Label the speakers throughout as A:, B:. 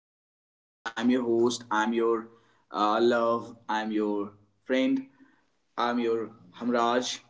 A: dear folks. I'm your host. I'm your love. I'm your friend. I'm your Hamraj.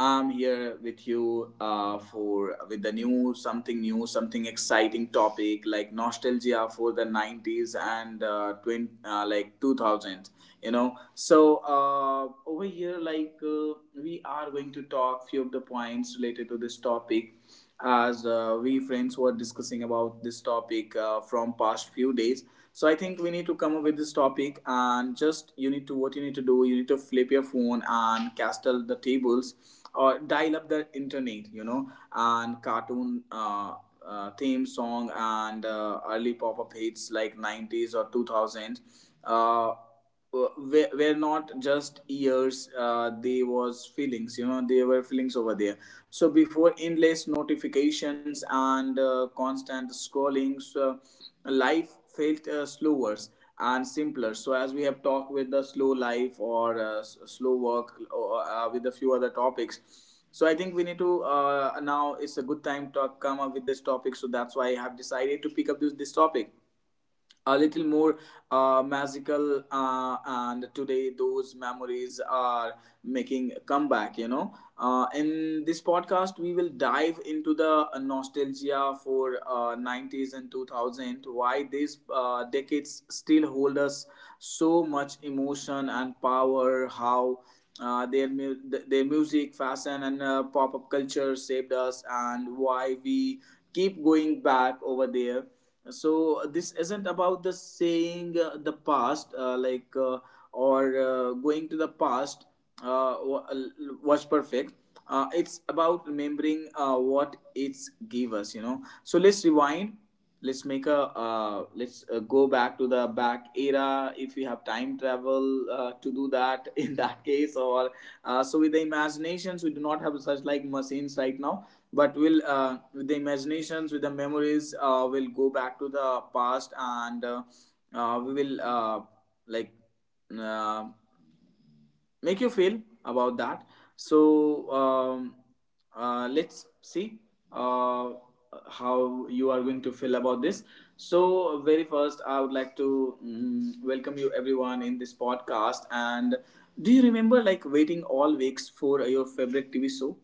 A: I'm here with you for with the new, something exciting topic like nostalgia for the 90s and twin, like 2000. So over here, we are going to talk few of the points related to this topic, as we friends were discussing about this topic from past few days. So I think we need to come up with this topic, and just you need to, what you need to do, you need to flip your phone and castle the tables, or dial up the internet. And cartoon theme song, and early pop-up hits like 90s or 2000s uh, were not just ears, they was feelings, they were feelings over there. So before endless notifications and constant scrolling, so life felt slower and simpler, so as we have talked with the slow life, or slow work, or, with a few other topics. So I think we need to, now it's a good time to come up with this topic, so that's why I have decided to pick up this topic, a little more magical, and today those memories are making a comeback. In this podcast we will dive into the nostalgia for 90s and 2000, why these decades still hold us so much emotion and power, how their music, fashion, and pop up culture saved us, and why we keep going back over there. So this isn't about the saying the past or going to the past uh, wa- was perfect. It's about remembering what it's give us. So let's rewind, let's make a, let's go back to the back era, if we have time travel to do that in that case, or so with the imaginations, we do not have such like machines right now, but we'll, with the imaginations, with the memories, we'll go back to the past, and we will like uh, make you feel about that. So let's see uh, how you are going to feel about this. So very first I would like to welcome you, everyone, in this podcast, and do you remember, like, waiting all weeks for your favorite TV show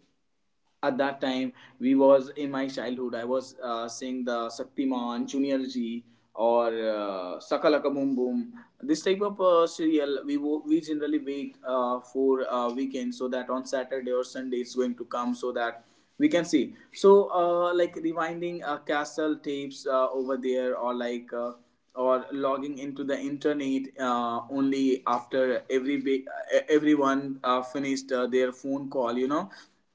A: at that time? We was in my childhood, I was seeing the Saktiman Junior G, or Sakalaka Boom Boom, this type of serial. We generally wait for weekend, so that on Saturday or Sunday it's going to come, so that we can see. So like rewinding castle tapes over there, or or logging into the internet only after every everyone finished their phone call.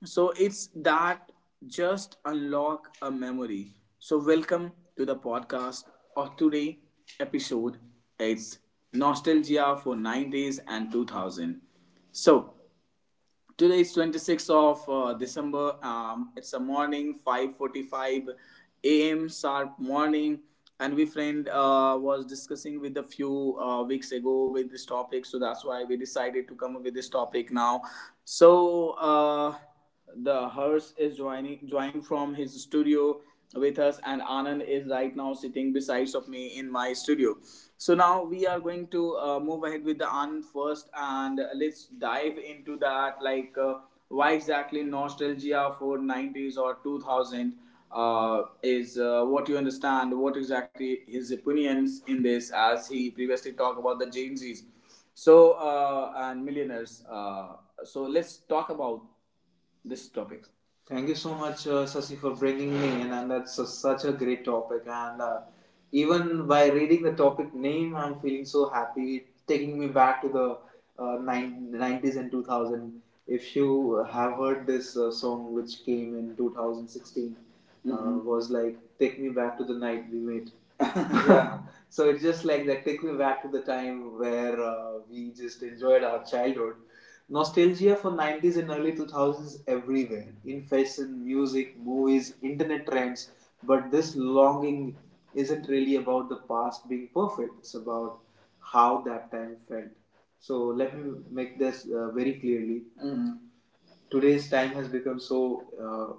A: So it's that, just unlock a memory. So welcome to the podcast of today episode. It's nostalgia for 90s and 2000. So today is 26th of December. It's a morning, 5:45 a.m. sharp morning, and we friend was discussing with a few weeks ago with this topic. So that's why we decided to come up with this topic now. So the hearse is joining joined from his studio with us, and Anand is right now sitting besides of me in my studio. So now we are going to move ahead with the Anand first, and let's dive into that, why exactly nostalgia for 90s or 2000 is, what you understand, what exactly his opinions in this, as he previously talked about the Gen Z's, so and millionaires, so let's talk about this topic. Thank you so much, Sasi, for bringing me in, and that's a, such a great topic. And even by reading the topic name, I'm feeling so happy, taking me back to the uh, 90s and 2000. If you have heard this song, which came in 2016, Mhm, was like "Take Me Back to the Night We Met." Yeah. So it's just like that. Take me back to the time where we just enjoyed our childhood. Nostalgia for 90s and early 2000s everywhere in fashion, music, movies, internet trends. But this longing isn't really about the past being perfect, it's about how that time felt. So, let me make this very clearly. Mhm. Today's time has become so, uh,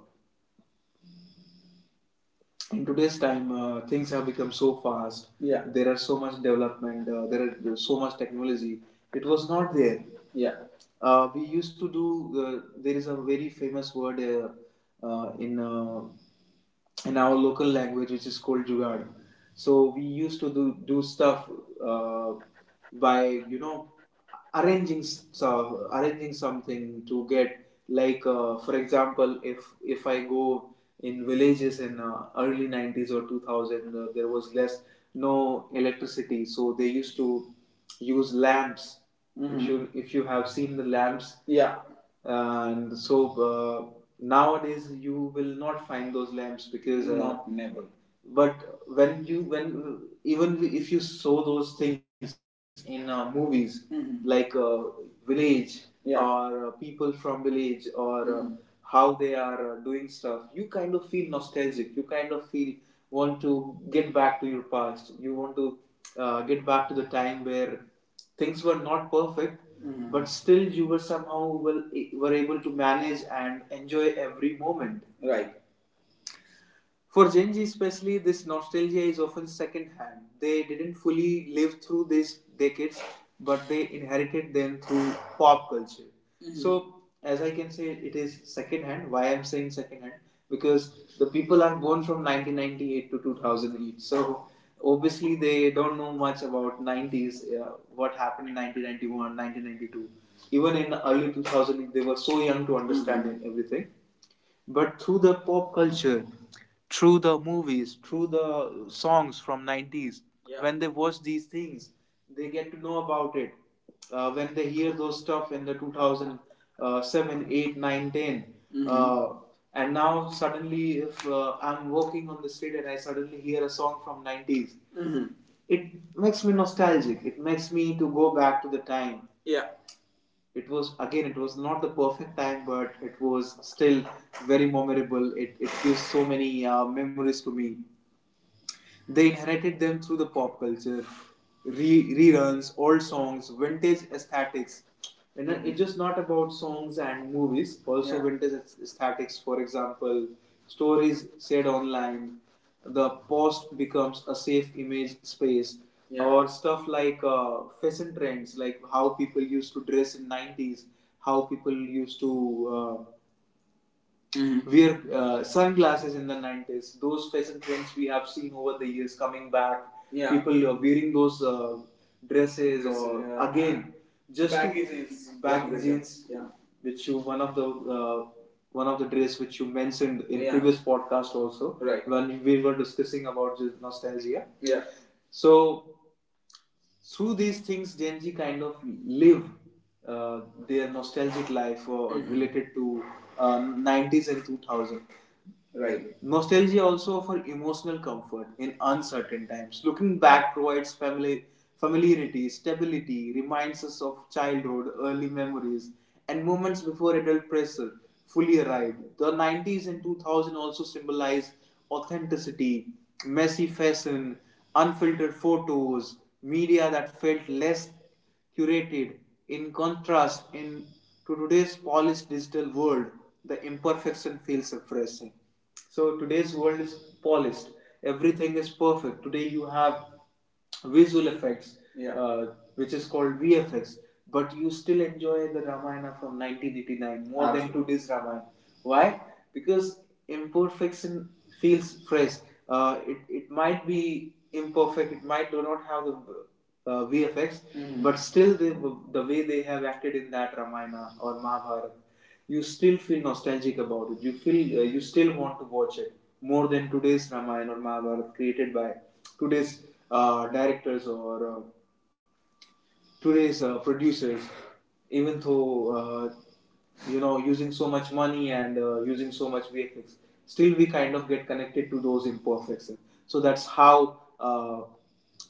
A: in today's time, things have become so fast. Yeah. There are so much development, there are so much technology. It was not there. Yeah. We used to do. There is a very famous word, uh, in uh, in our local language, which is called jugaad. So we used to do stuff, uh, by arranging so arranging something to get, like, for example, if I go in villages in early 90s or 2000, there was less, no electricity, so they used to use lamps. Mhm. If you have seen the lamps. Yeah. And so uh, nowadays you will not find those lamps, because not never. But when, even if you saw those things in movies, Mhm, like village, yeah, or people from village, or mm-hmm, how they are doing stuff, you kind of feel nostalgic, you kind of feel want to get back to your past. You want to get back to the time where things were not perfect, Mhm, but still you were somehow, well, were able to manage and enjoy every moment. Right. For Gen Z especially, this nostalgia is often second-hand. They didn't fully live through these decades, but they inherited them through pop culture. Mhm. So, as I can say, it is second-hand. Why I'm saying second-hand? Because the people are born from 1998 to 2008. So, obviously, they don't know much about 90s, what happened in 1991, 1992. Even in the early 2000, they were so young to understand, mm-hmm, everything, but through the pop culture, through the movies, through the songs from 90s, yeah, when they watch these things they get to know about it, when they hear those stuff in the 2007 8 9 10, mm-hmm, and now suddenly, if I'm walking on the street and I suddenly hear a song from 90s, mm-hmm, it makes me nostalgic, it makes me to go back to the time, yeah, it was, again, it was not the perfect time, but it was still very memorable, it gives so many memories to me. They inherited them through the pop culture, reruns, old songs, vintage aesthetics. And then it's just not about songs and movies also. Yeah. Vintage aesthetics, for example, stories said online, the post becomes a safe image space. Yeah. Or stuff like fashion trends, like how people used to dress in 90s, how people used to uh, mm-hmm, wear sunglasses in the 90s. Those fashion trends we have seen over the years coming back. Yeah. People are wearing those dresses, or yeah, again, just back jeans. Baggy, yeah, jeans. Yeah. Which you, uh, one of the dress which you mentioned in, yeah, previous podcast also. Right. When we were discussing about nostalgia. Yeah. So through these things Gen Z kind of live uh, their nostalgic life, or related to uh, 90s and 2000. Right. Nostalgia also offers emotional comfort in uncertain times. Looking back provides family, familiarity, stability, reminds us of childhood, early memories, and moments before adult pressure fully arrived. The 90s and 2000 also symbolize authenticity, messy fashion, unfiltered photos, media that felt less curated. In contrast, in to today's polished digital world, the imperfection feels refreshing. So today's world is polished. Everything is perfect. Today you have visual effects, yeah, which is called VFX. But you still enjoy the Ramayana from 1989 more, absolutely, than today's Ramayana. Why? Because imperfection feels fresh. It might be imperfect. It might do not have the VFX, but still the way they have acted in that Ramayana or Mahabharata, you still feel nostalgic about it. You feel, you still want to watch it more than today's Ramayana or Mahabharata created by today's directors, or today's producers. Even though using so much money, and using so much VFX, still we kind of get connected to those imperfections. So that's how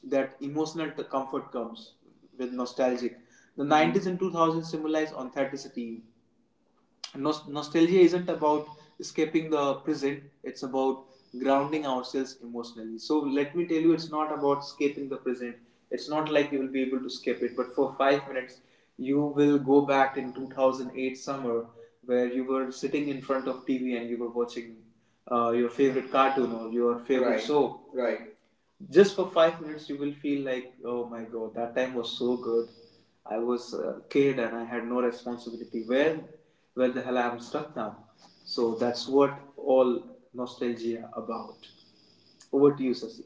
A: that emotional comfort comes with nostalgic. The 90s and 2000s symbolize authenticity. Nostalgia isn't about escaping the present, it's about grounding ourselves emotionally. So let me tell you, it's not about escaping the present, it's not like you will be able to escape it, but for 5 minutes you will go back in 2008 summer where you were sitting in front of TV and you were watching your favorite cartoon or your favorite, right, soap, right. Just for 5 minutes you will feel like, oh my god, that time was so good. I was a kid and I had no responsibility. Where the hell I'm stuck now? So that's what all nostalgia about. Over to you, Sasi.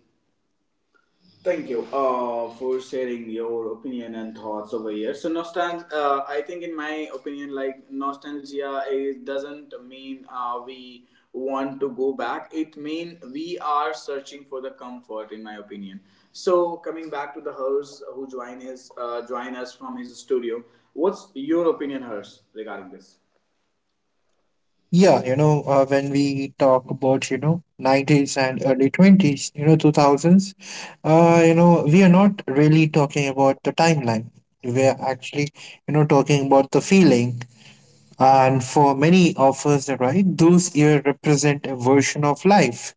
A: Thank you for sharing your opinion and thoughts over here. So nostalgia, I think in my opinion, like nostalgia is doesn't mean we want to go back. It mean we are searching for the comfort, in my opinion. So coming back to the Hers who join us from his studio. What's your opinion, Hers, regarding this?
B: Yeah, when we talk about, 90s and early 20s, 2000s, we are not really talking about the timeline. We are actually, talking about the feeling. And for many of us, right, those years represent a version of life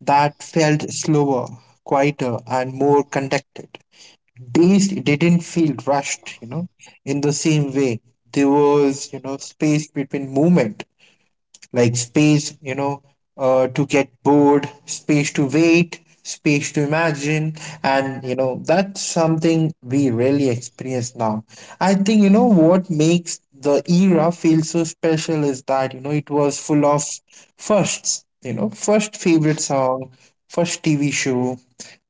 B: that felt slower, quieter, and more conducted. Days didn't feel rushed, in the same way. There was, space between movement, like space, to get bored, space to wait, space to imagine. And, that's something we really experience now. I think, what makes the era feel so special is that, it was full of firsts, first favorite song, first TV show,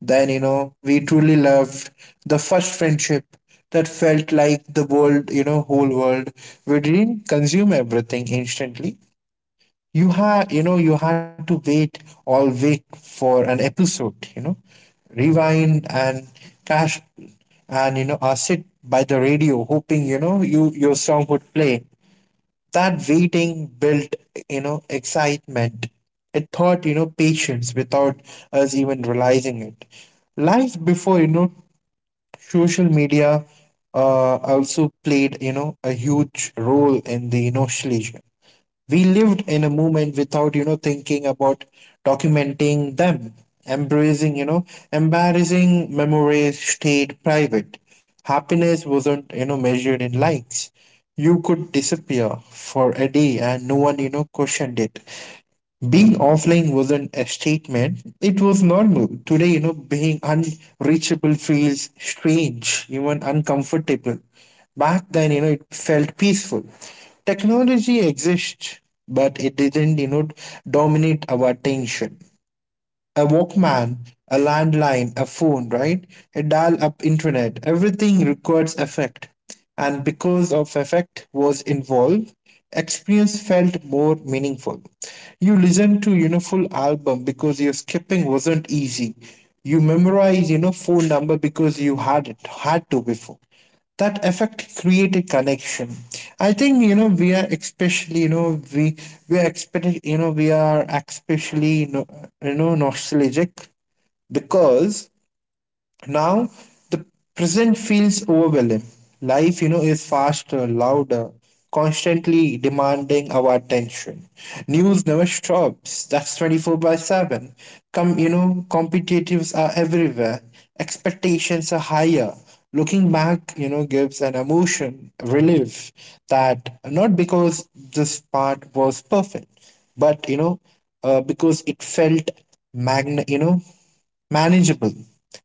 B: then, we truly loved the first friendship that felt like the world, whole world. We didn't consume everything instantly. You had to wait all week for an episode, rewind and cash. And I sit by the radio hoping you know you your song would play. That waiting built excitement. It taught patience without us even realizing it. Life before social media also played a huge role in the nostalgia. We lived in a moment without thinking about documenting them, embracing embarrassing memories stayed private. Happiness wasn't measured in likes. You could disappear for a day and no one questioned it. Being offline wasn't a statement, it was normal. Today being unreachable feels strange, even uncomfortable. Back then it felt peaceful. Technology exists but it didn't dominate our attention. A Walkman, a landline, a phone, right? A dial up internet. Everything requires effect. And because of effect was involved, experience felt more meaningful. You listened to, full album because your skipping wasn't easy. You memorize, phone number because you had it, had to before. That effect created connection. I think we are especially, we are especially, nostalgic, because now the present feels overwhelming. Life, is faster, louder, constantly demanding our attention. News never stops. That's 24 by 7. Come, competitives are everywhere. Expectations are higher. Looking back, gives an emotion, relief that not because this part was perfect, but because it felt magn, you know, manageable.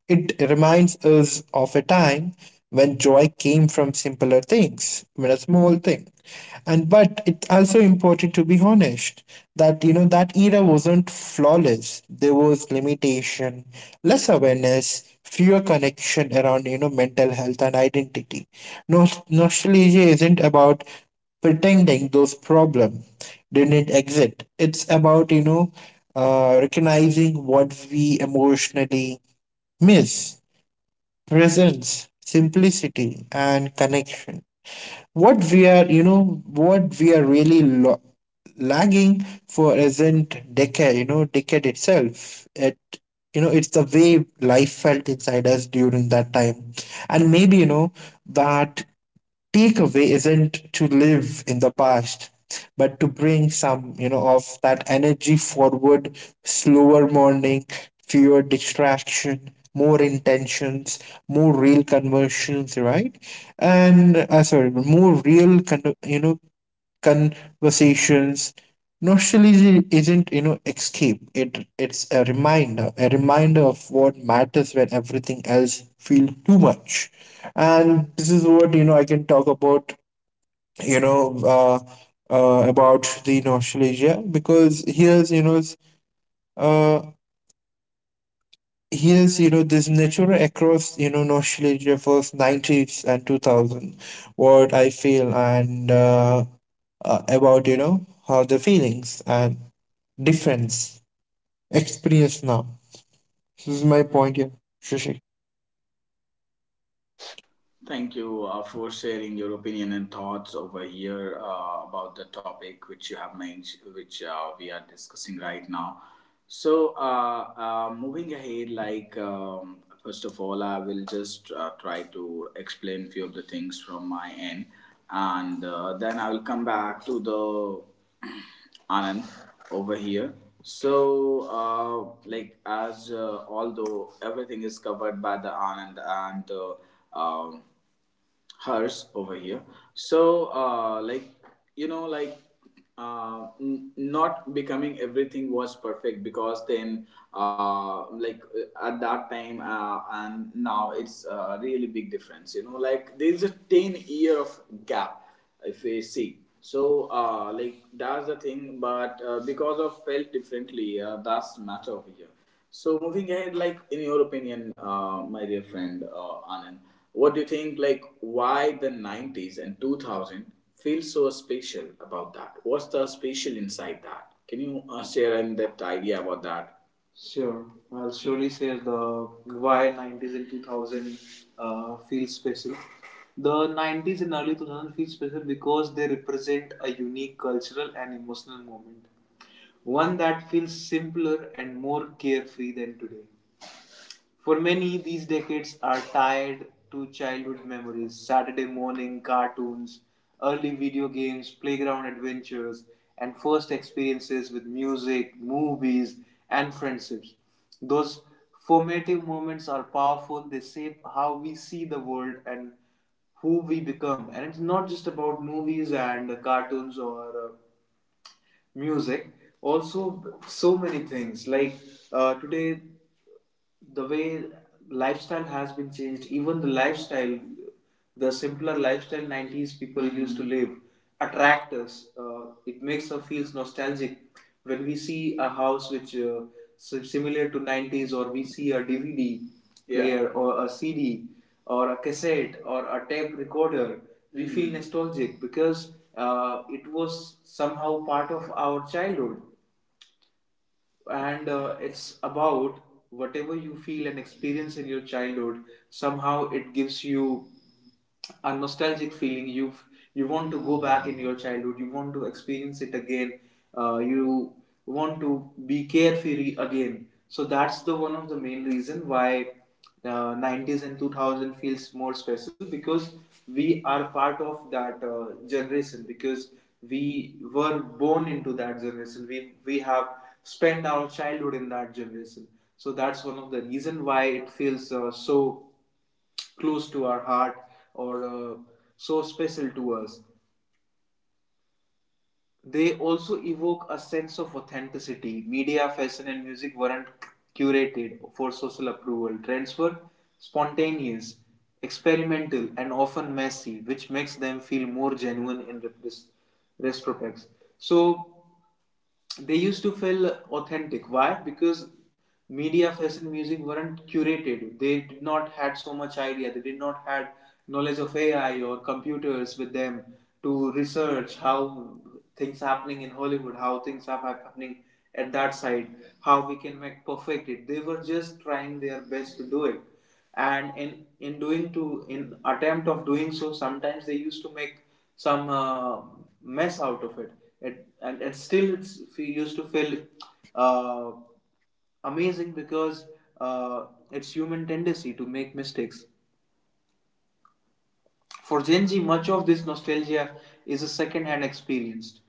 B: It reminds us of a time when joy came from simpler things, when a small thing. And but it's also important to be honest that that era wasn't flawless. There was limitation, less awareness, fewer connection around mental health and identity. No, nostalgia isn't about pretending those problems didn't exist. It's about, recognizing what we emotionally miss: presence, simplicity, and connection. What we are really lagging for isn't decade, decade itself. It's the way life felt inside us during that time. And maybe, that takeaway isn't to live in the past, but to bring some, of that energy forward: slower morning, fewer distraction, more intentions, more real conversions, right? And Sorry, more real, conversations. Nostalgia isn't escape, it's a reminder, a reminder of what matters when everything else feels too much. And this is what I can talk about, you know uh, about the nostalgia, because uh, here's this nature across nostalgia for 90s and 2000, what I feel, and about how the feelings and difference experience now. This is my point here, Shashi.
A: Thank you for sharing your opinion and thoughts over here about the topic which you have mentioned, which we are discussing right now. So, moving ahead, like first of all, I will just try to explain few of the things from my end, and then I will come back to the Anand over here. So, like as although everything is covered by the Anand and hers over here. So like, you know, like not becoming everything was perfect, because then like at that time and now it's a really big difference, you know, like there's a 10 year of gap if we see. So like, that's the thing, but because of felt differently, that's matter over here. So moving ahead, like in your opinion, my dear friend Anand, what do you think? Like why the '90s and 2000 feel so special about that? What's the special inside that? Can you share in that idea about that? Sure, I'll surely share the why 90s and 2000 feel special. The 90s and early 2000 feel special because they represent a unique cultural and emotional moment, one that feels simpler and more carefree than today. For many, these decades are tied to childhood memories, Saturday morning cartoons, early video games, playground adventures, and first experiences with music, movies, and friendships. Those formative moments are powerful, they shape how we see the world and who we become. And it's not just about movies and cartoons or music, also, so many things. Like today, the way lifestyle has been changed, even the lifestyle, the simpler lifestyle 90s people, mm-hmm, used to live attract us. It makes us feels nostalgic when we see a house which similar to 90s, or we see a DVD, yeah, player or a CD or a cassette or a tape recorder we, mm-hmm, feel nostalgic, because it was somehow part of our childhood. And it's about whatever you feel and experience in your childhood, somehow it gives you a nostalgic feeling. You want to go back in your childhood, you want to experience it again. You want to be carefree again. So that's the one of the main reason why 90s and 2000 feels more special, because we are part of that generation, because we were born into that generation. We have spent our childhood in that generation. So that's one of the reason why it feels so close to our heart, or so special to us. They also evoke a sense of authenticity. Media, fashion, and music weren't curated for social approval. Trends were spontaneous, experimental, and often messy, which makes them feel more genuine in retrospect. So they used to feel authentic. Why? Because media, fashion, music weren't curated. They did not had so much idea, they did not had knowledge of AI or computers with them to research how things happening in Hollywood, how things are happening at that side, how we can make perfect it. They were just trying their best to do it, and in doing to in attempt of doing so, sometimes they used to make some mess out of it. It and still it's fe used to feel uh, amazing, because it's human tendency to make mistakes. For Gen Z, much of this nostalgia is a second-hand experience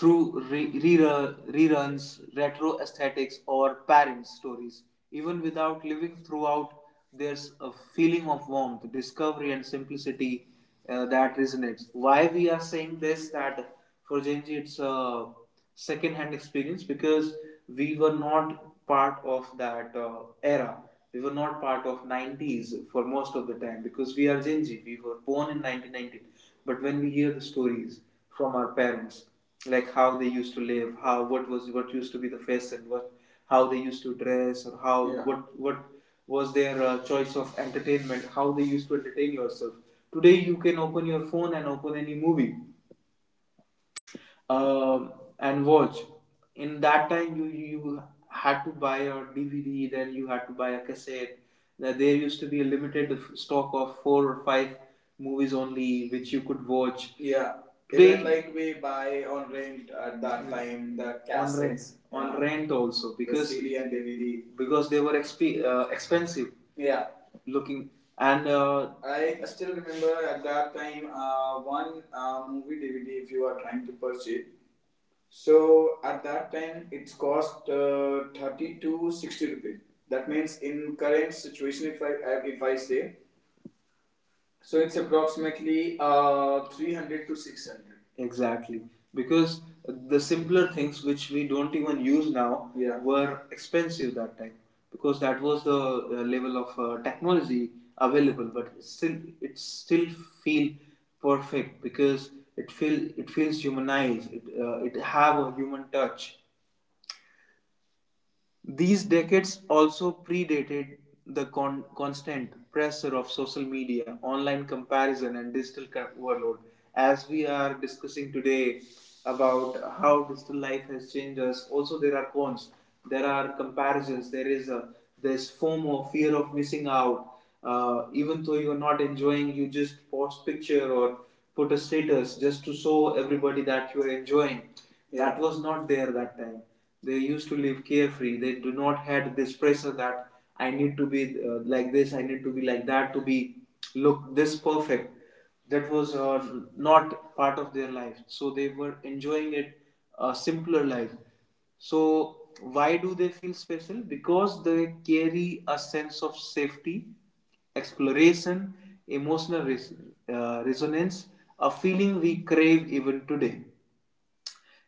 A: through reruns, retro aesthetics, or parent stories. Even without living throughout, there's a feeling of warmth, discovery, and simplicity that resonates. Why we are saying this that for Gen Z it's a second-hand experience, because we were not part of that era. We were not part of 90s for most of the time because we are Gen Z. We were born in 1990, but when we hear the stories from our parents, like how they used to live, how what was what used to be the fashion, what how they used to dress, or how, yeah, what was their choice of entertainment, how they used to entertain yourself. Today you can open your phone and open any movie, uh, and watch. In that time, you had to buy a DVD, then you had to buy a cassette. Now, there used to be a limited stock of four or five movies only, which you could watch. Yeah. Even like we buy on rent at that time the cassettes on rent, on, yeah, rent also, because the CD and DVD, because they were expensive. Yeah, looking, and I still remember at that time one movie DVD if you are trying to purchase. So at that time it's cost 30 to 60 rupees. That means in current situation, if I say, so it's approximately 300 to 600. Exactly. Because the simpler things which we don't even use now, yeah, were expensive that time, because that was the level of technology available, but still it still feel perfect, because it feels humanized. It have a human touch. These decades also predated the constant pressure of social media, online comparison, and digital overload. As we are discussing today about how digital life has changed us, also there are cons. There are comparisons. There is a There's FOMO, fear of missing out. Even though you are not enjoying, you just post picture or put a status just to show everybody that you are enjoying. That was not there that time, they used to live carefree. They do not had this pressure that I need to be like this, I need to be like that, to be look this perfect. That was not part of their life. So they were enjoying it, a simpler life. So why do they feel special? Because they carry a sense of safety, exploration, emotional resonance, a feeling we crave even today,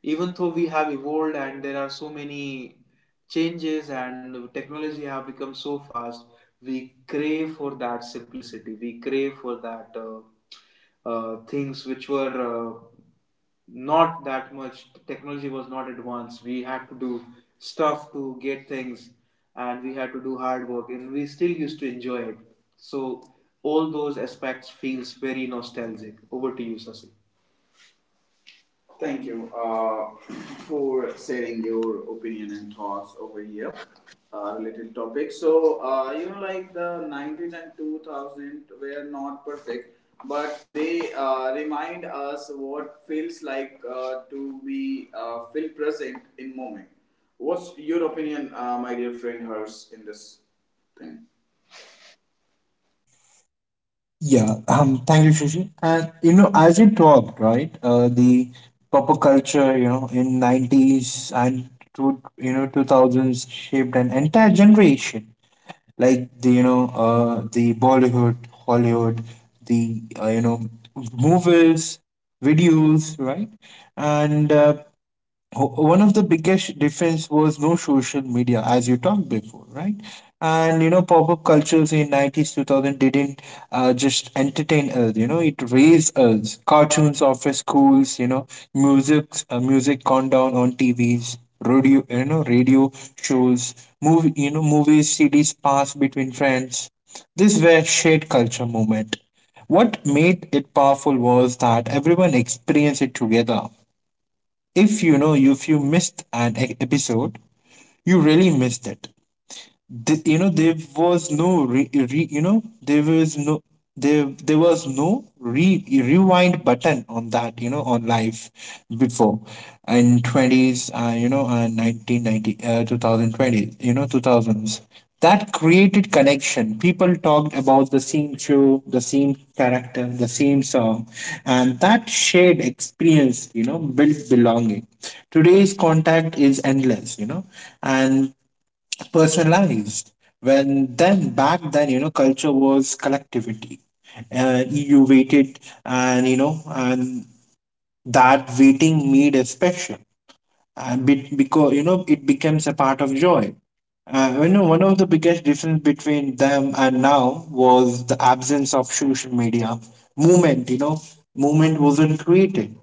A: even though we have evolved and there are so many changes and technology have become so fast. We crave for that simplicity, we crave for that things which were not that much, technology was not advanced, we had to do stuff to get things and we had to do hard work and we still used to enjoy it. So all those aspects feels very nostalgic. Over to you, Sasi. Thank you for sharing your opinion and thoughts over here related topic. So you know, like the 90s and 2000 were not perfect, but they remind us what feels like to be feel present in moment. What's your opinion, my dear friend Hers, in this thing?
B: Yeah, thank you, Shashi. And as you talked, right, the pop culture, in nineties and to 2000s shaped an entire generation. Like the Bollywood, Hollywood, the uh, you know, movies, videos, right, and one of the biggest difference was no social media, as you talked before, right. And pop-up cultures in 90s 2000 didn't just entertain us, it raised us. Cartoons after schools, music countdown on TVs, radio, radio shows, movies, CDs passed between friends. These were shared culture moment. What made it powerful was that everyone experienced it together. If you missed an episode, you really missed it. You know there was no re, re, you know there was no there there was no re, rewind button on that, on life before in 20s, 1990, 2020, 2000s, that created connection. People talked about the same show, the same character, the same song, and that shared experience built belonging. Today's contact is endless, and personalized. When then Back then, culture was collectivity. You waited, and that waiting made a special, because it becomes a part of joy. One of the biggest difference between them and now was the absence of social media movement. Movement wasn't created,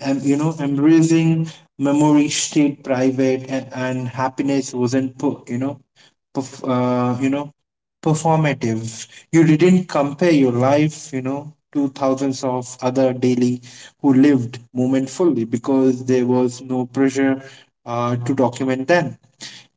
B: embracing memory stayed private, and happiness wasn't put. Perf- uh, you know Performative. You didn't compare your life, to thousands of other daily who lived moment fully because there was no pressure to document them.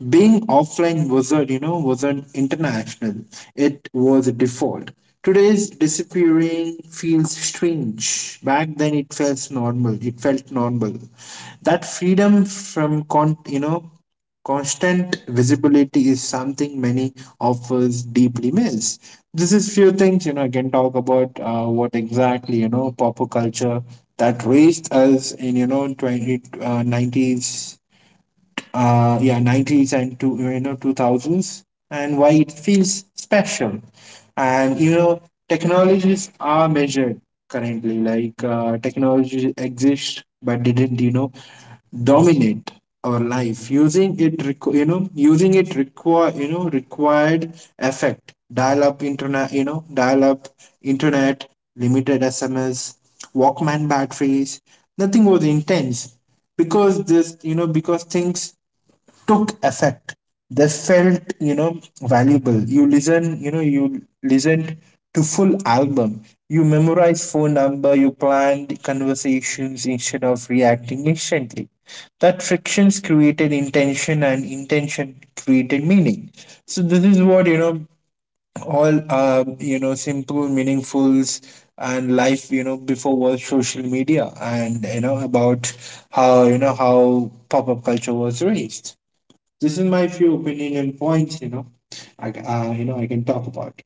B: Being offline wasn't, you know, wasn't international. It was a default. Today's disappearing feels strange. Back then, it felt normal. It felt normal. That freedom from, constant visibility is something many of us deeply miss. This is few things, I can talk about what exactly, popular culture that raised us in, 20, 90s, yeah, 90s and 2000s, and why it feels special. And you know, Technologies are measured currently, like technology exists but didn't, dominate our life. Using it required effect. Dial-up internet, internet, limited SMS, Walkman batteries. Nothing was intense because this you know because things took effect. They felt valuable. You listened to full album. You memorize phone number, you planned conversations instead of reacting instantly. That frictions created intention and intention created meaning. So this is what, all simple meaningfuls, and life before was social media, and about how you know how pop-up culture was raised. This is my few opinion and points. You know, I ca- you know I can talk about.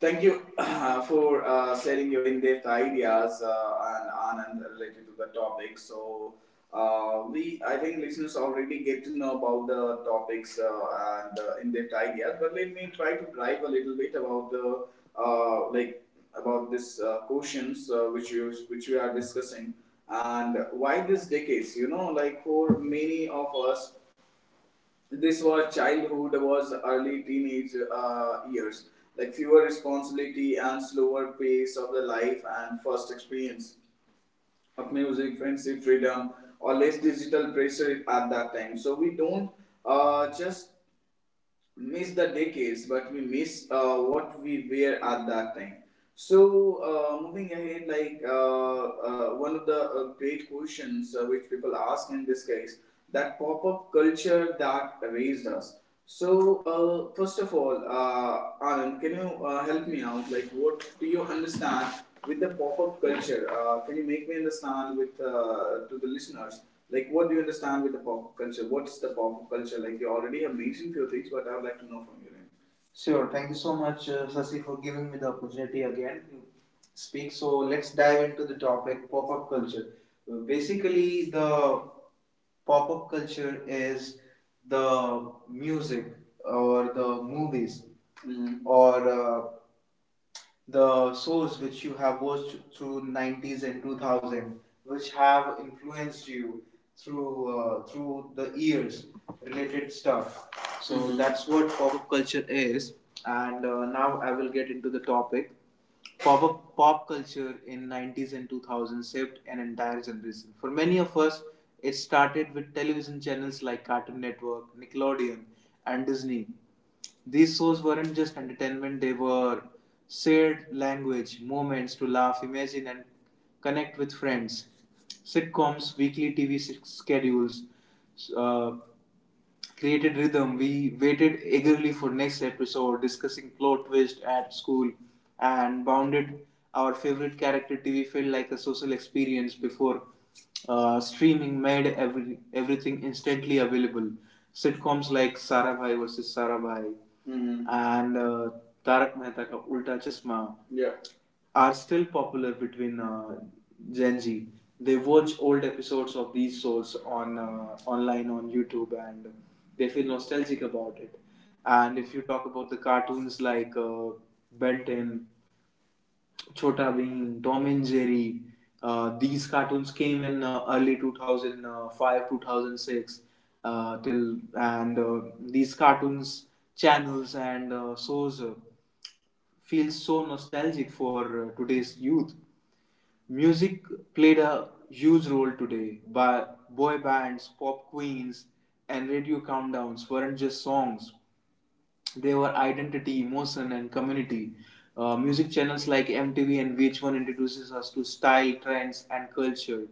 A: Thank you for sharing your in-depth ideas and Anand related to the topic. So we, I think, listeners already get to know about the topics and in-depth ideas. But let me try to drive a little bit about the like about this questions which you which we are discussing, and why these decades. You know, like for many of us, this was childhood, was early teenage years, like fewer responsibility and slower pace of the life, and first experience of music, friendship, freedom, or less digital pressure at that time. So we don't just miss the decades, but we miss what we were at that time. So, moving ahead, like one of the great questions which people ask in this case, that pop up culture that raised us. So, first of all, Anand, can you help me out? Like, what do you understand with the pop up culture? Can you make me understand with to the listeners? Like, what do you understand with the pop culture? What's the pop culture? Like, you already have mentioned few things, but I would like to know from you. Sure. Thank you so much, Sasi, for giving me the opportunity again to speak. So let's dive into the topic pop-up culture. Basically, the pop-up culture is the music or the movies. Mhm. Or the shows which you have watched through 90s and 2000, which have influenced you through the years, related stuff. So that's what pop-up culture is. And now I will get into the topic. Pop pop culture in 90s and 2000 shaped an entire generation. For many of us, it started with television channels like Cartoon Network, Nickelodeon, and Disney. These shows weren't just entertainment, they were shared language, moments to laugh, imagine, and connect with friends. Sitcoms, weekly TV schedules, uh, created rhythm. We waited eagerly for next episode, discussing plot twist at school, and bounded our favorite character. TV felt like a social experience before streaming made everything instantly available. Sitcoms like Sarabhai versus Sarabhai Mhm. and Tarak Mehta ka Ulta Chashma, yeah, are still popular between Gen Z. They watch old episodes of these shows on online on YouTube, and they feel nostalgic about it. And if you talk about the cartoons like Ben 10, Chota Bheem, Tom and Jerry, these cartoons came in early 2005, 2006, till, and these cartoons channels and shows feel so nostalgic for today's youth. Music played a huge role today. By boy bands, pop queens, and radio countdowns weren't just songs, they were identity, emotion, and community. Music channels like MTV and VH1 introduces us to style, trends, and culture.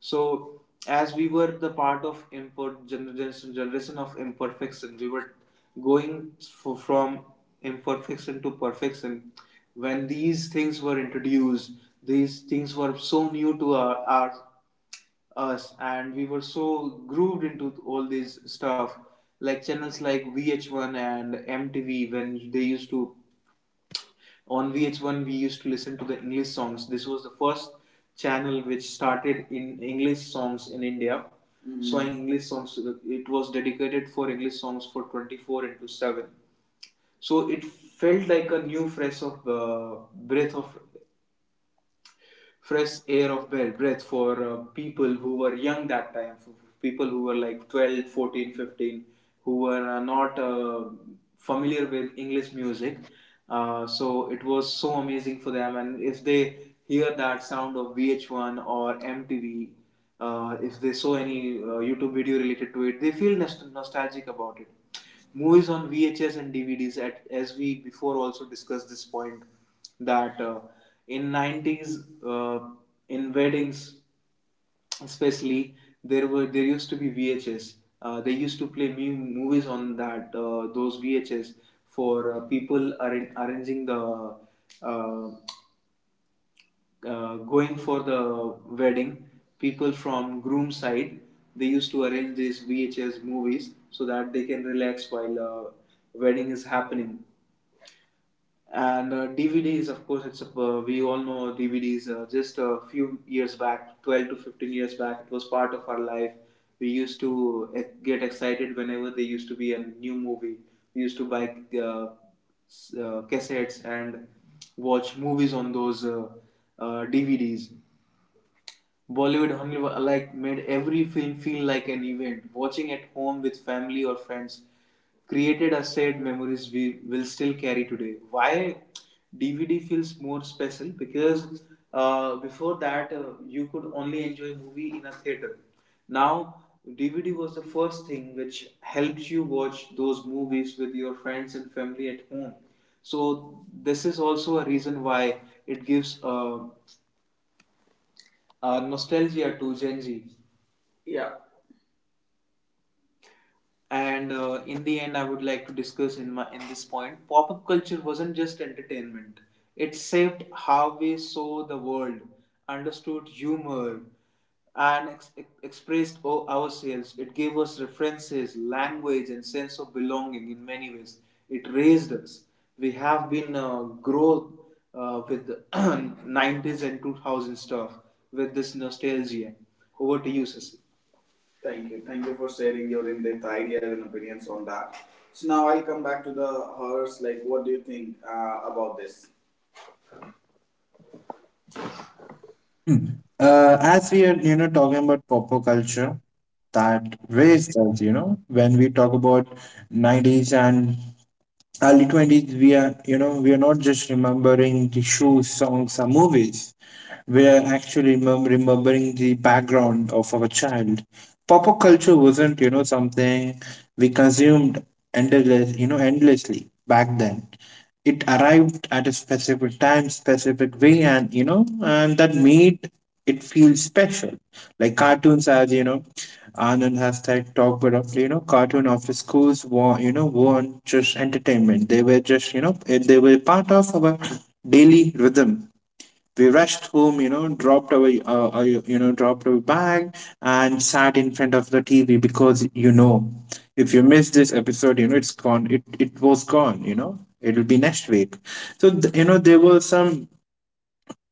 A: So, as we were the part of import generation, generation of imperfection, we were going from imperfection to perfection. When these things were introduced, these things were so new to our us, and we were so grooved into all this stuff, like channels like VH1 and MTV. When they used to, on VH1 we used to listen to the English songs. This was the first channel which started in English songs in India. Mm-hmm. So English songs, it was dedicated for English songs for 24 into 7. So it felt like a new fresh of breath of fresh air for people who were young that time, for people who were like 12, 14, 15, who were not familiar with English music. So it was so amazing for them. And if they hear that sound of VH1 or MTV, if they saw any YouTube video related to it, they feel nostalgic about it. Movies on VHS and DVDs. At As we before also discussed this point, that in 90s, in weddings especially, there used to be VHS. They used to play movies on that those VHS for people arranging the uh, going for the wedding, people from groom side, they used to arrange these VHS movies so that they can relax while wedding is happening. And DVDs, of course, we all know DVDs. Just a few years back, 12 to 15 years back, it was part of our life. We used to get excited whenever there used to be a new movie. We used to buy cassettes and watch movies on those DVDs. Bollywood Hollywood like made every film feel like an event. Watching at home with family or friends created a shared memories we will still carry today. Why DVD feels more special? Because before that, you could only enjoy movie in a theater. Now DVD was the first thing which helps you watch those movies with your friends and family at home. So this is also a reason why it gives nostalgia to Gen Z. Yeah. And in the end, I would like to discuss in this point, pop up culture wasn't just entertainment. It shaped how we saw the world, understood humor, and expressed ourselves. It gave us references, language, and sense of belonging in many ways. It raised us. We have been growth with 90s and 2000 stuff with this nostalgia. Over to you, Sasi. Thank you. Thank you for sharing your in-depth ideas and opinions on that. So now I'll come back to the hers. Like, what do you think about this?
B: Hmm. As we are talking about popular culture that raised us. When we talk about nineties and early 20s, we are not just remembering the shoes, songs, or movies. We are actually remembering the background of our child. Pop-up culture wasn't, something we consumed endlessly back then. It arrived at a specific time, specific way, and that made it feel special. Like cartoons, as you know, Anand has said, talked about, cartoon after schools weren't just entertainment. They were just, you know, eh, they were part of our daily rhythm. We rushed home, dropped our bag and sat in front of the TV because if you miss this episode, it's gone. It was gone. It'll be next week. So, there was some,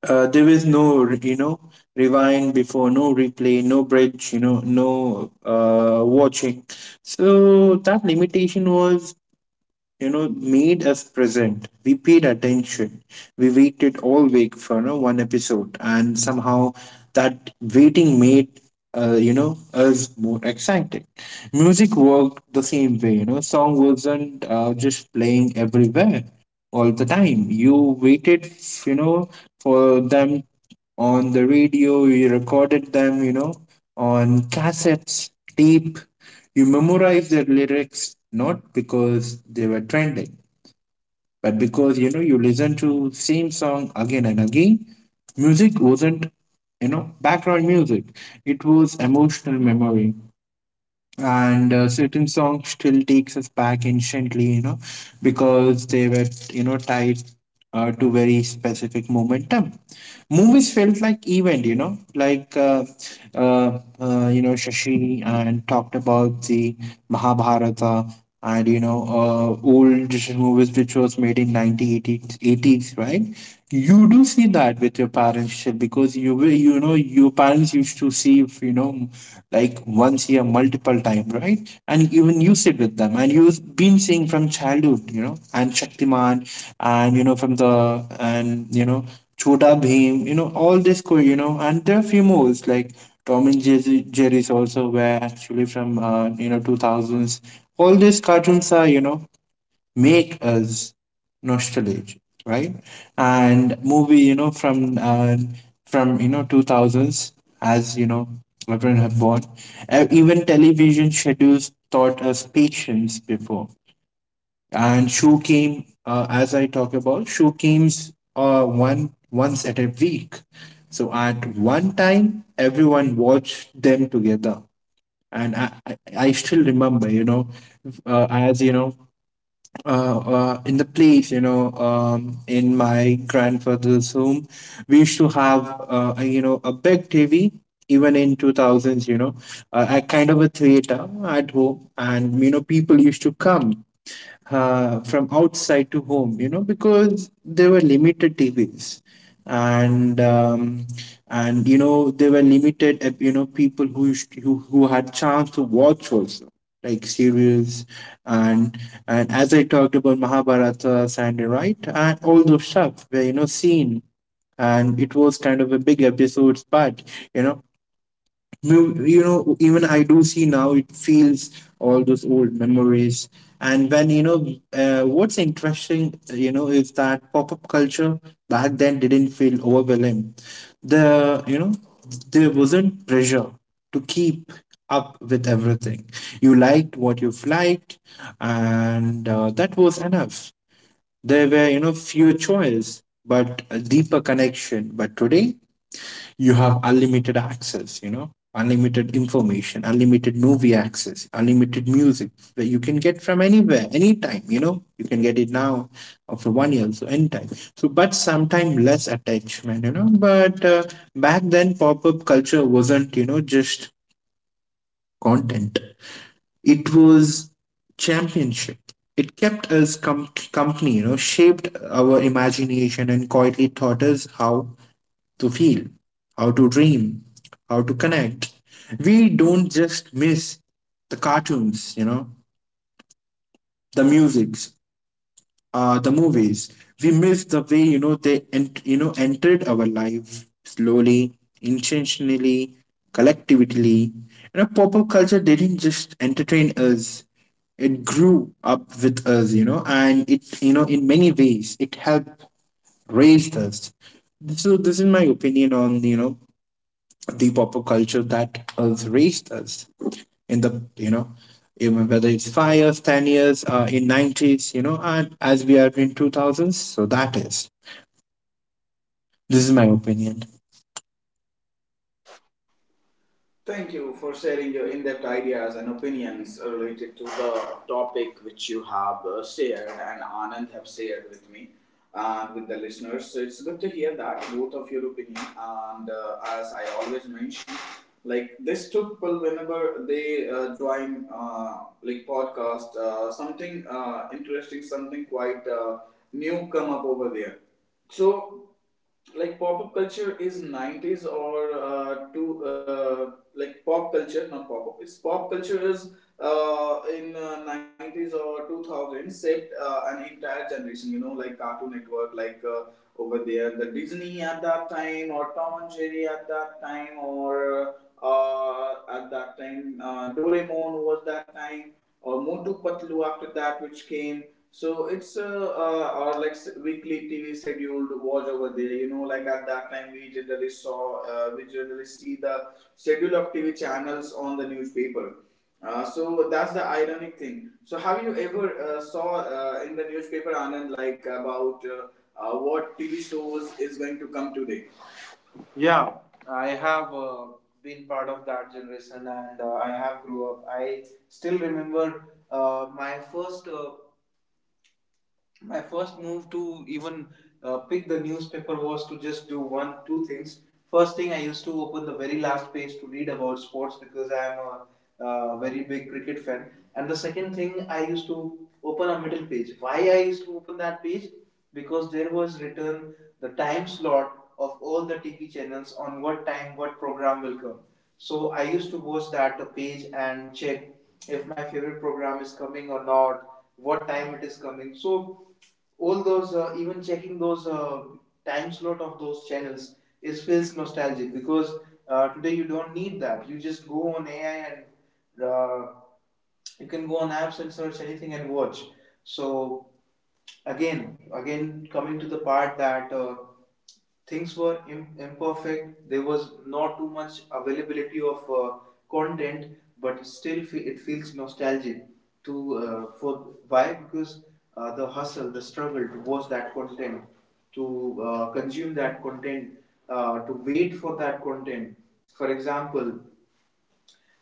B: uh, there was no, rewind before, no replay, no bridge, no watching. So that limitation was, made us present. We paid attention. We waited all week for one episode, and somehow that waiting made us more excited. Music worked the same way. Song wasn't just playing everywhere all the time. You waited, you know, for them on the radio. You recorded them, on cassettes, tape. You memorize the lyrics not because they were trending, but because you listen to same song again and again. Music wasn't background music; it was emotional memory and certain songs still takes us back instantly because they were tied to very specific momentum. Movies felt like event, shashi and talked about the mahabharata. And you know Old movies which was made in 1980s, 80s, right? You do see that with your parents shit because you will, your parents used to see, if you know like once year multiple time, right? And even you sit with them and you've been seeing from childhood, and Shaktiman, and you know from the and you know Chota Bheem, all this and there are few movies like Tom and Jerry's also were actually from 2000s. All these cartoons are, make us nostalgic, right? And movie, you know from you know 2000s, as you know, everyone have born. Even television schedules taught us patience before, and show came, as I talk about, show came one once at a week, so at one time everyone watched them together. And I still remember, you know as you know in the place, you know, in my grandfather's home, we used to have, a, you know, a big TV, even in 2000s, you know, a kind of a theater at home. And, you know, people used to come from outside to home, you know, because there were limited TVs. And there were limited, people who had chance to watch also, like serials. And as I talked about Mahabharata, Sandy, right, and all those stuff were, you know, seen, and it was kind of a big episodes. But, you know, even I do see now, it feels all those old memories. And when you know what's interesting, is that pop-up culture back then didn't feel overwhelming. the you know there wasn't pressure to keep up with everything. You liked what you liked, and that was enough. There were, you know, fewer choice but a deeper connection. But today you have unlimited access, you know, unlimited information, unlimited movie access, unlimited music, that you can get from anywhere anytime, you know, you can get it now after 1 year, so anytime. So but sometime less attachment, you know, but back then pop-up culture wasn't, you know, just content. It was championship. It kept us company, you know, shaped our imagination and quietly taught us how to feel, how to dream, how to connect. We don't just miss the cartoons, you know, the musics, the movies. We miss the way, you know, they entered our life slowly, intentionally, collectively. You know, pop-up culture didn't just entertain us; it grew up with us. You know, and it you know in many ways it helped raise us. So this is my opinion on, you know, the pop culture that has raised us in the, you know, even whether it's 5 years, 10 years, in nineties, you know, and as we are in two thousands. So that is this is my opinion.
A: Thank you for sharing your in depth ideas and opinions related to the topic which you have shared and Anand have shared with me and with the listeners. So it's good to hear that, both of your opinion. And as I always mention, like this two people, whenever they join like podcast, something interesting, something quite new come up over there. So like pop-up culture is 90s or to like pop culture, not pop-up, it's pop culture is in 90s or 2000. Shaped an entire generation, you know, like Cartoon Network, like over there the Disney at that time, or Tom and Jerry at that time, or at that time Doraemon was that time, or Motu Patlu after that, which came. So it's uh, uh, our like weekly TV scheduled watch over there. You know, like at that time we generally see the schedule of TV channels on the newspaper. So that's the ironic thing. So have you ever saw in the newspaper Anand, like about what TV shows is going to come today? Yeah, I have been part of that generation, and I have grew up. I still remember uh, my first uh, my first move to even pick the newspaper was to just do one two things. First thing, I used to open the very last page to read about sports because I am a very big cricket fan. And the second thing, I used to open a middle page. Why I used to open that page? Because there was written the time slot of all the TV channels on what time what program will come. So I used to watch that page and check if my favorite program is coming or not, what time it is coming. So all those even checking those time slot of those channels is feels nostalgic because today you don't need that. You just go on AI, and you can go on apps and search anything and watch. So again again coming to the part that things were imperfect. There was not too much availability of content. But still it feels nostalgic. To for Why? Because the hustle, the struggle to watch that content, to consume that content, to wait for that content. For example,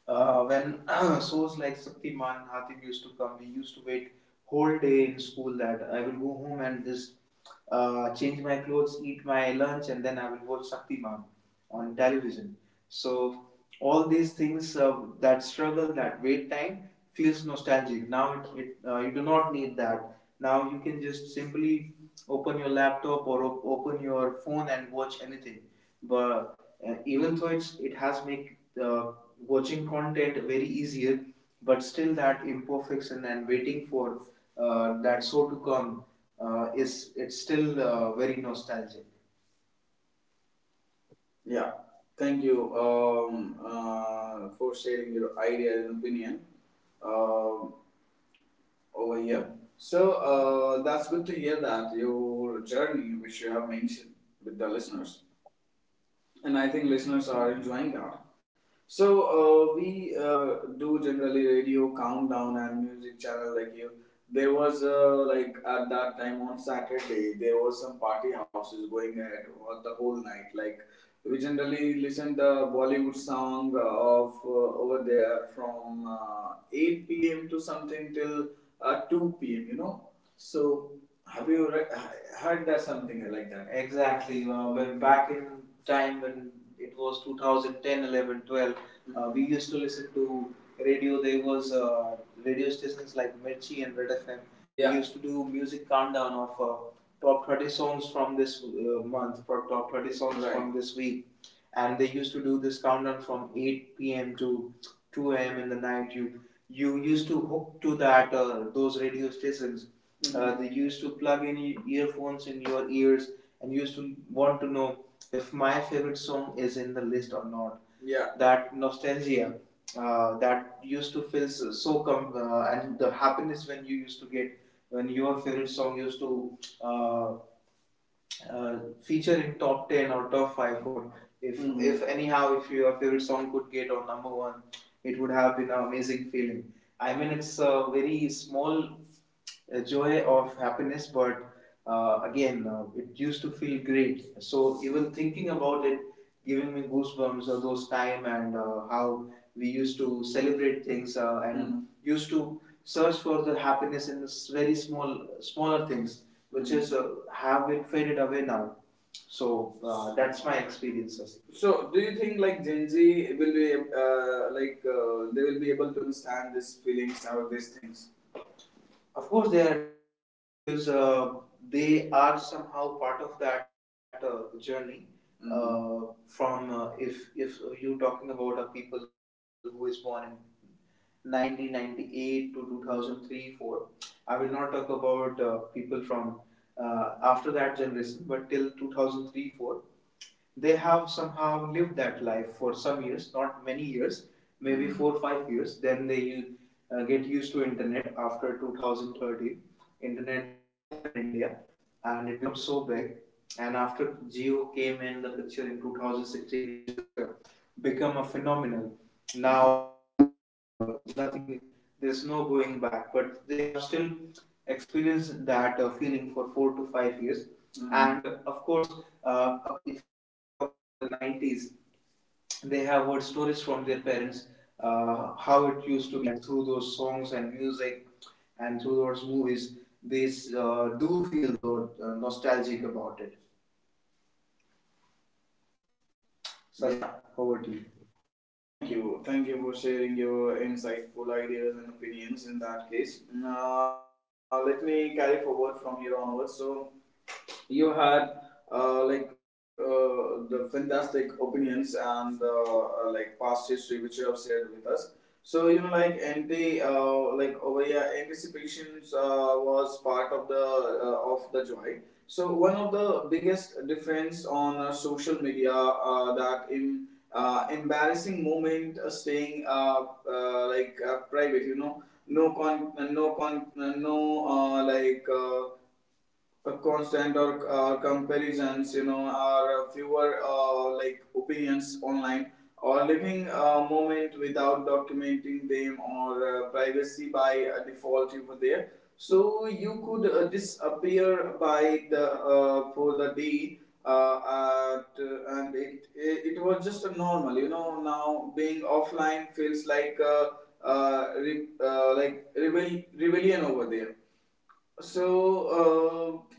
A: when shows like Shaktiman, Hatim used to come, we used to wait whole day in school that I will go home and just change my clothes, eat my lunch, and then I will watch Shaktiman on television. So all these things, that struggle, that wait time, feels nostalgic. Now it you do not need that. Now you can just simply open your laptop, or open your phone and watch anything. But even though it has make watching content very easier, but still that imperfection and waiting for that show to come is it's still very nostalgic. Yeah, thank you for sharing your idea and opinion um over here. So that's good to hear that your journey, which you have mentioned with the listeners. And I think listeners are enjoying that. So we do generally radio countdown and music channel like you. There was like at that time on Saturday, there was some party houses going ahead all the whole night. Like we generally listen the Bollywood song of over there from 8 p.m. to something till 2 p.m. You know, so, have you heard that something like that? Exactly. When back in time, when it was 2010, 11, 12. We used to listen to radio. There was radio stations like Mirchi and Red FM. Yeah. We used to do music countdown of top 30 songs from this month, top 30 songs. Right. From this week. And they used to do this countdown from 8 p.m. to 2 a.m. in the night. You used to hook to that those radio stations. They used to plug in earphones in your ears and used to want to know if my favorite song is in the list or not. Yeah. That nostalgia that used to feel and the happiness when you used to get when your favorite song used to uh, feature in top 10 or top 5, or if Mhm. if anyhow if your favorite song could get on number 1, it would have been an amazing feeling. I mean, it's a very small joy of happiness, but it used to feel great. So even thinking about it, giving me goosebumps of those time and how we used to celebrate things and used to search for the happiness in very small, smaller things, which, Mm. is have been faded away now. So that's my experiences. So, do you think like Gen Z will be they will be able to understand these feelings or these things? Of course, they are understanding because they are somehow part of that journey. Mm-hmm. From if you talking about a people who is born in 1998 to 2003 4, I will not talk about people from after that generation, but till 2003 4 they have somehow lived that life for some years, not many years, maybe 4 or 5 years. Then they get used to internet after 2030. Internet just boom in India, and it becomes so big. And after Geo came in the picture in 2016, it just become a phenomenon. Now, there is nothing. There's no going back, but they have still experienced that feeling for 4 to 5 years. Mm. And of course, uh, if I talk about the 90s, they have heard stories from their parents, how it used to be, and through those songs and music, and through those movies, they do feel though nostalgic about it. Sasa, yeah, over to you. Thank you. Thank you for sharing your insightful ideas and opinions in that case. Now, let me carry forward from here onwards. So, you had the fantastic opinions and like past history which you have shared with us. So you know, like like over here, anticipations was part of the joy. So one of the biggest difference on social media that in embarrassing moment staying private, you know, no con, no con, no like. A constant or comparisons, you know, or fewer opinions online, or living a moment without documenting them, or privacy by default over there. So you could disappear by the for the day, and it was just a normal, you know. Now being offline feels like rebellion over there. So,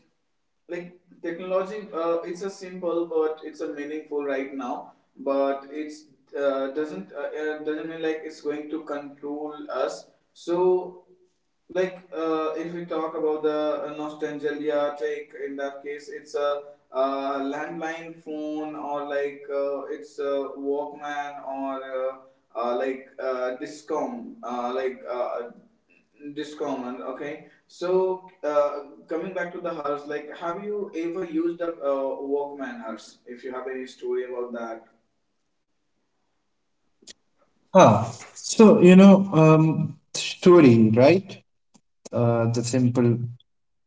A: like technology, it's a simple, but it's a meaningful right now. But it's, doesn't mean like it's going to control us. So like, if we talk about the nostalgia take in that case, it's a landline phone, or like it's a walkman, or uh, like uh, discom uh, like uh, discom. And okay, so coming back to the hers, like, have you ever used a walkman, hers, if you have any story about that?
B: Ah, so you know, story, right? The simple.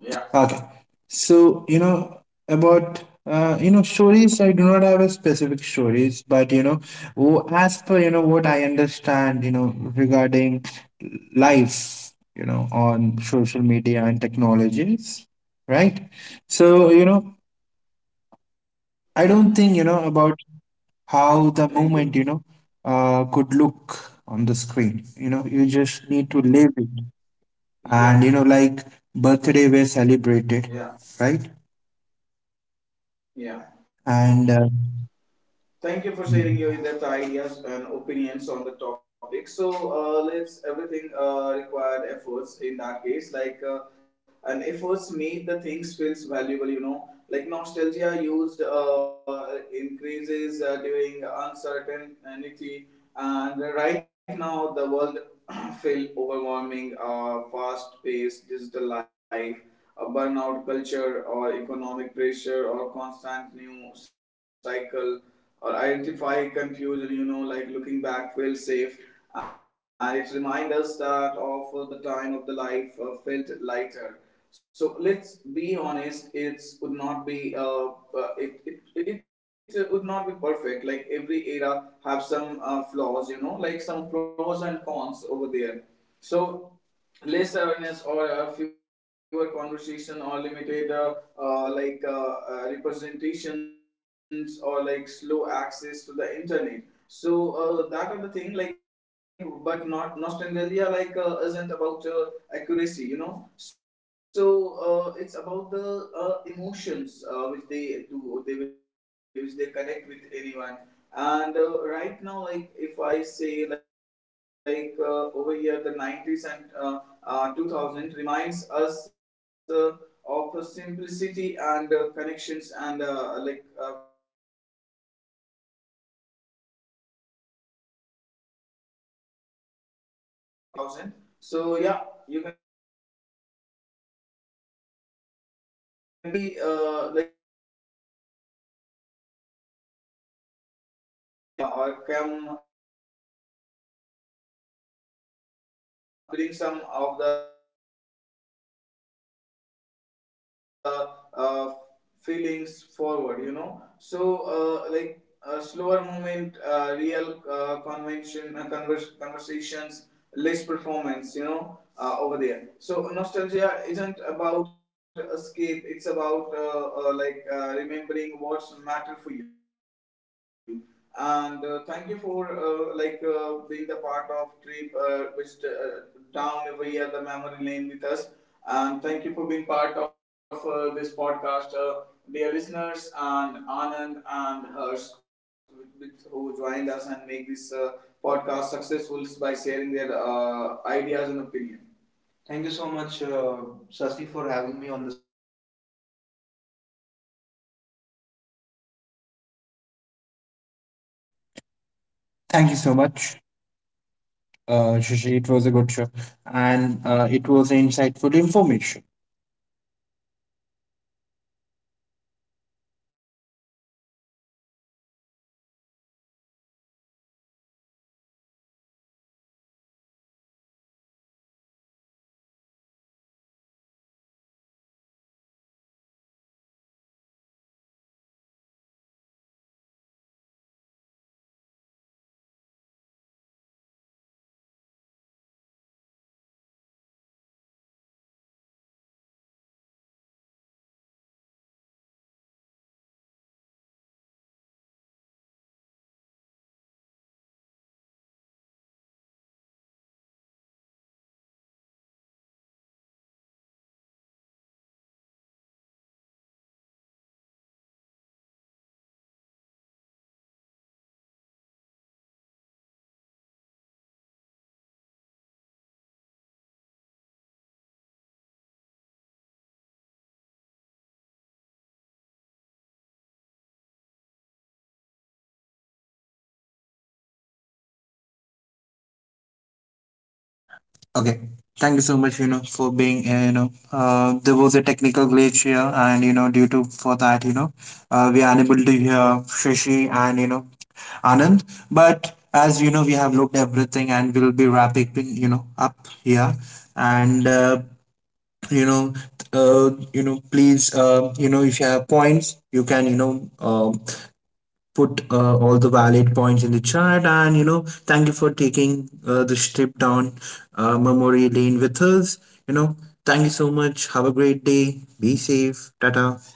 A: Yeah.
B: Okay. So, you know, about, you know, stories, I do not have a specific stories, but, you know, as per, you know, what I understand, you know, regarding life, you know, on social media and technologies, right? So, you know,
A: Hmm.
B: I don't think, you know, about
A: Thank you.
B: how the moment, you know, could look on the screen. You know, you just need to live it.
A: Yeah.
B: And, you know, like birthday were
A: Yeah.
B: celebrated, right?
A: Yeah.
B: And,
A: Thank you for sharing your in-depth ideas and opinions on the topic. So let's everything required efforts in that case, like, and efforts made the things feels valuable. You know, like nostalgia used increases during uncertainty, and right now the world feel overwhelming, fast-paced digital life, a burnout culture, or economic pressure, or constant new cycle, or identify confusion, you know, like looking back feels safe. And it reminds us that of the time of the life felt lighter. So let's be honest, it would not be, it would not be perfect, like every era have some flaws, you know, like some pros and cons over there. So less awareness, or fewer conversation, or limited representations, or like slow access to the internet. So that are the thing, like, but not nostalgia, like, isn't about accuracy, you know. So it's about the emotions which they which they connect with anyone. And right now, like, if I say, like, over here, the 90s and 2000 reminds us of simplicity, and connections, and presence. So, like, if you talk me, I have took the bus something in between 90s to 2000. So, yeah, you can conclude me according to that, like something I'm in between that. So, we, like, doesn't need to go back. We just need to bring or come with the, like, bring or basically bring some of the uh, feelings forward, you know. So, like slower movement, real conversations, less performance, you know, over there. So, nostalgia isn't about escape, it's about, remembering what's matter for you. And thank you for being the part of trip, which down over here, the memory lane with us. And thank you for being part of this podcast, dear listeners, and anand and hers who joined us and make this podcast successful by sharing their ideas and opinion. Thank you so much, Sasi, for having me on the show, and
B: thank you so much, Shishi. It was a good show, and it was insightful information. Okay, thank you so much. You know, for being you know, there was a technical glitch here, and you know, due to for that, you know, we are unable to hear Shishi and, you know, Anand. But as you know, we have looked everything, and we'll be wrapping, you know, up here, and you know, please, you know, if you have points, you can you know. Put all the valid points in the chat, and you know, thank you for taking this trip down memory lane with us, you know. Thank you so much, have a great day, be safe, tata.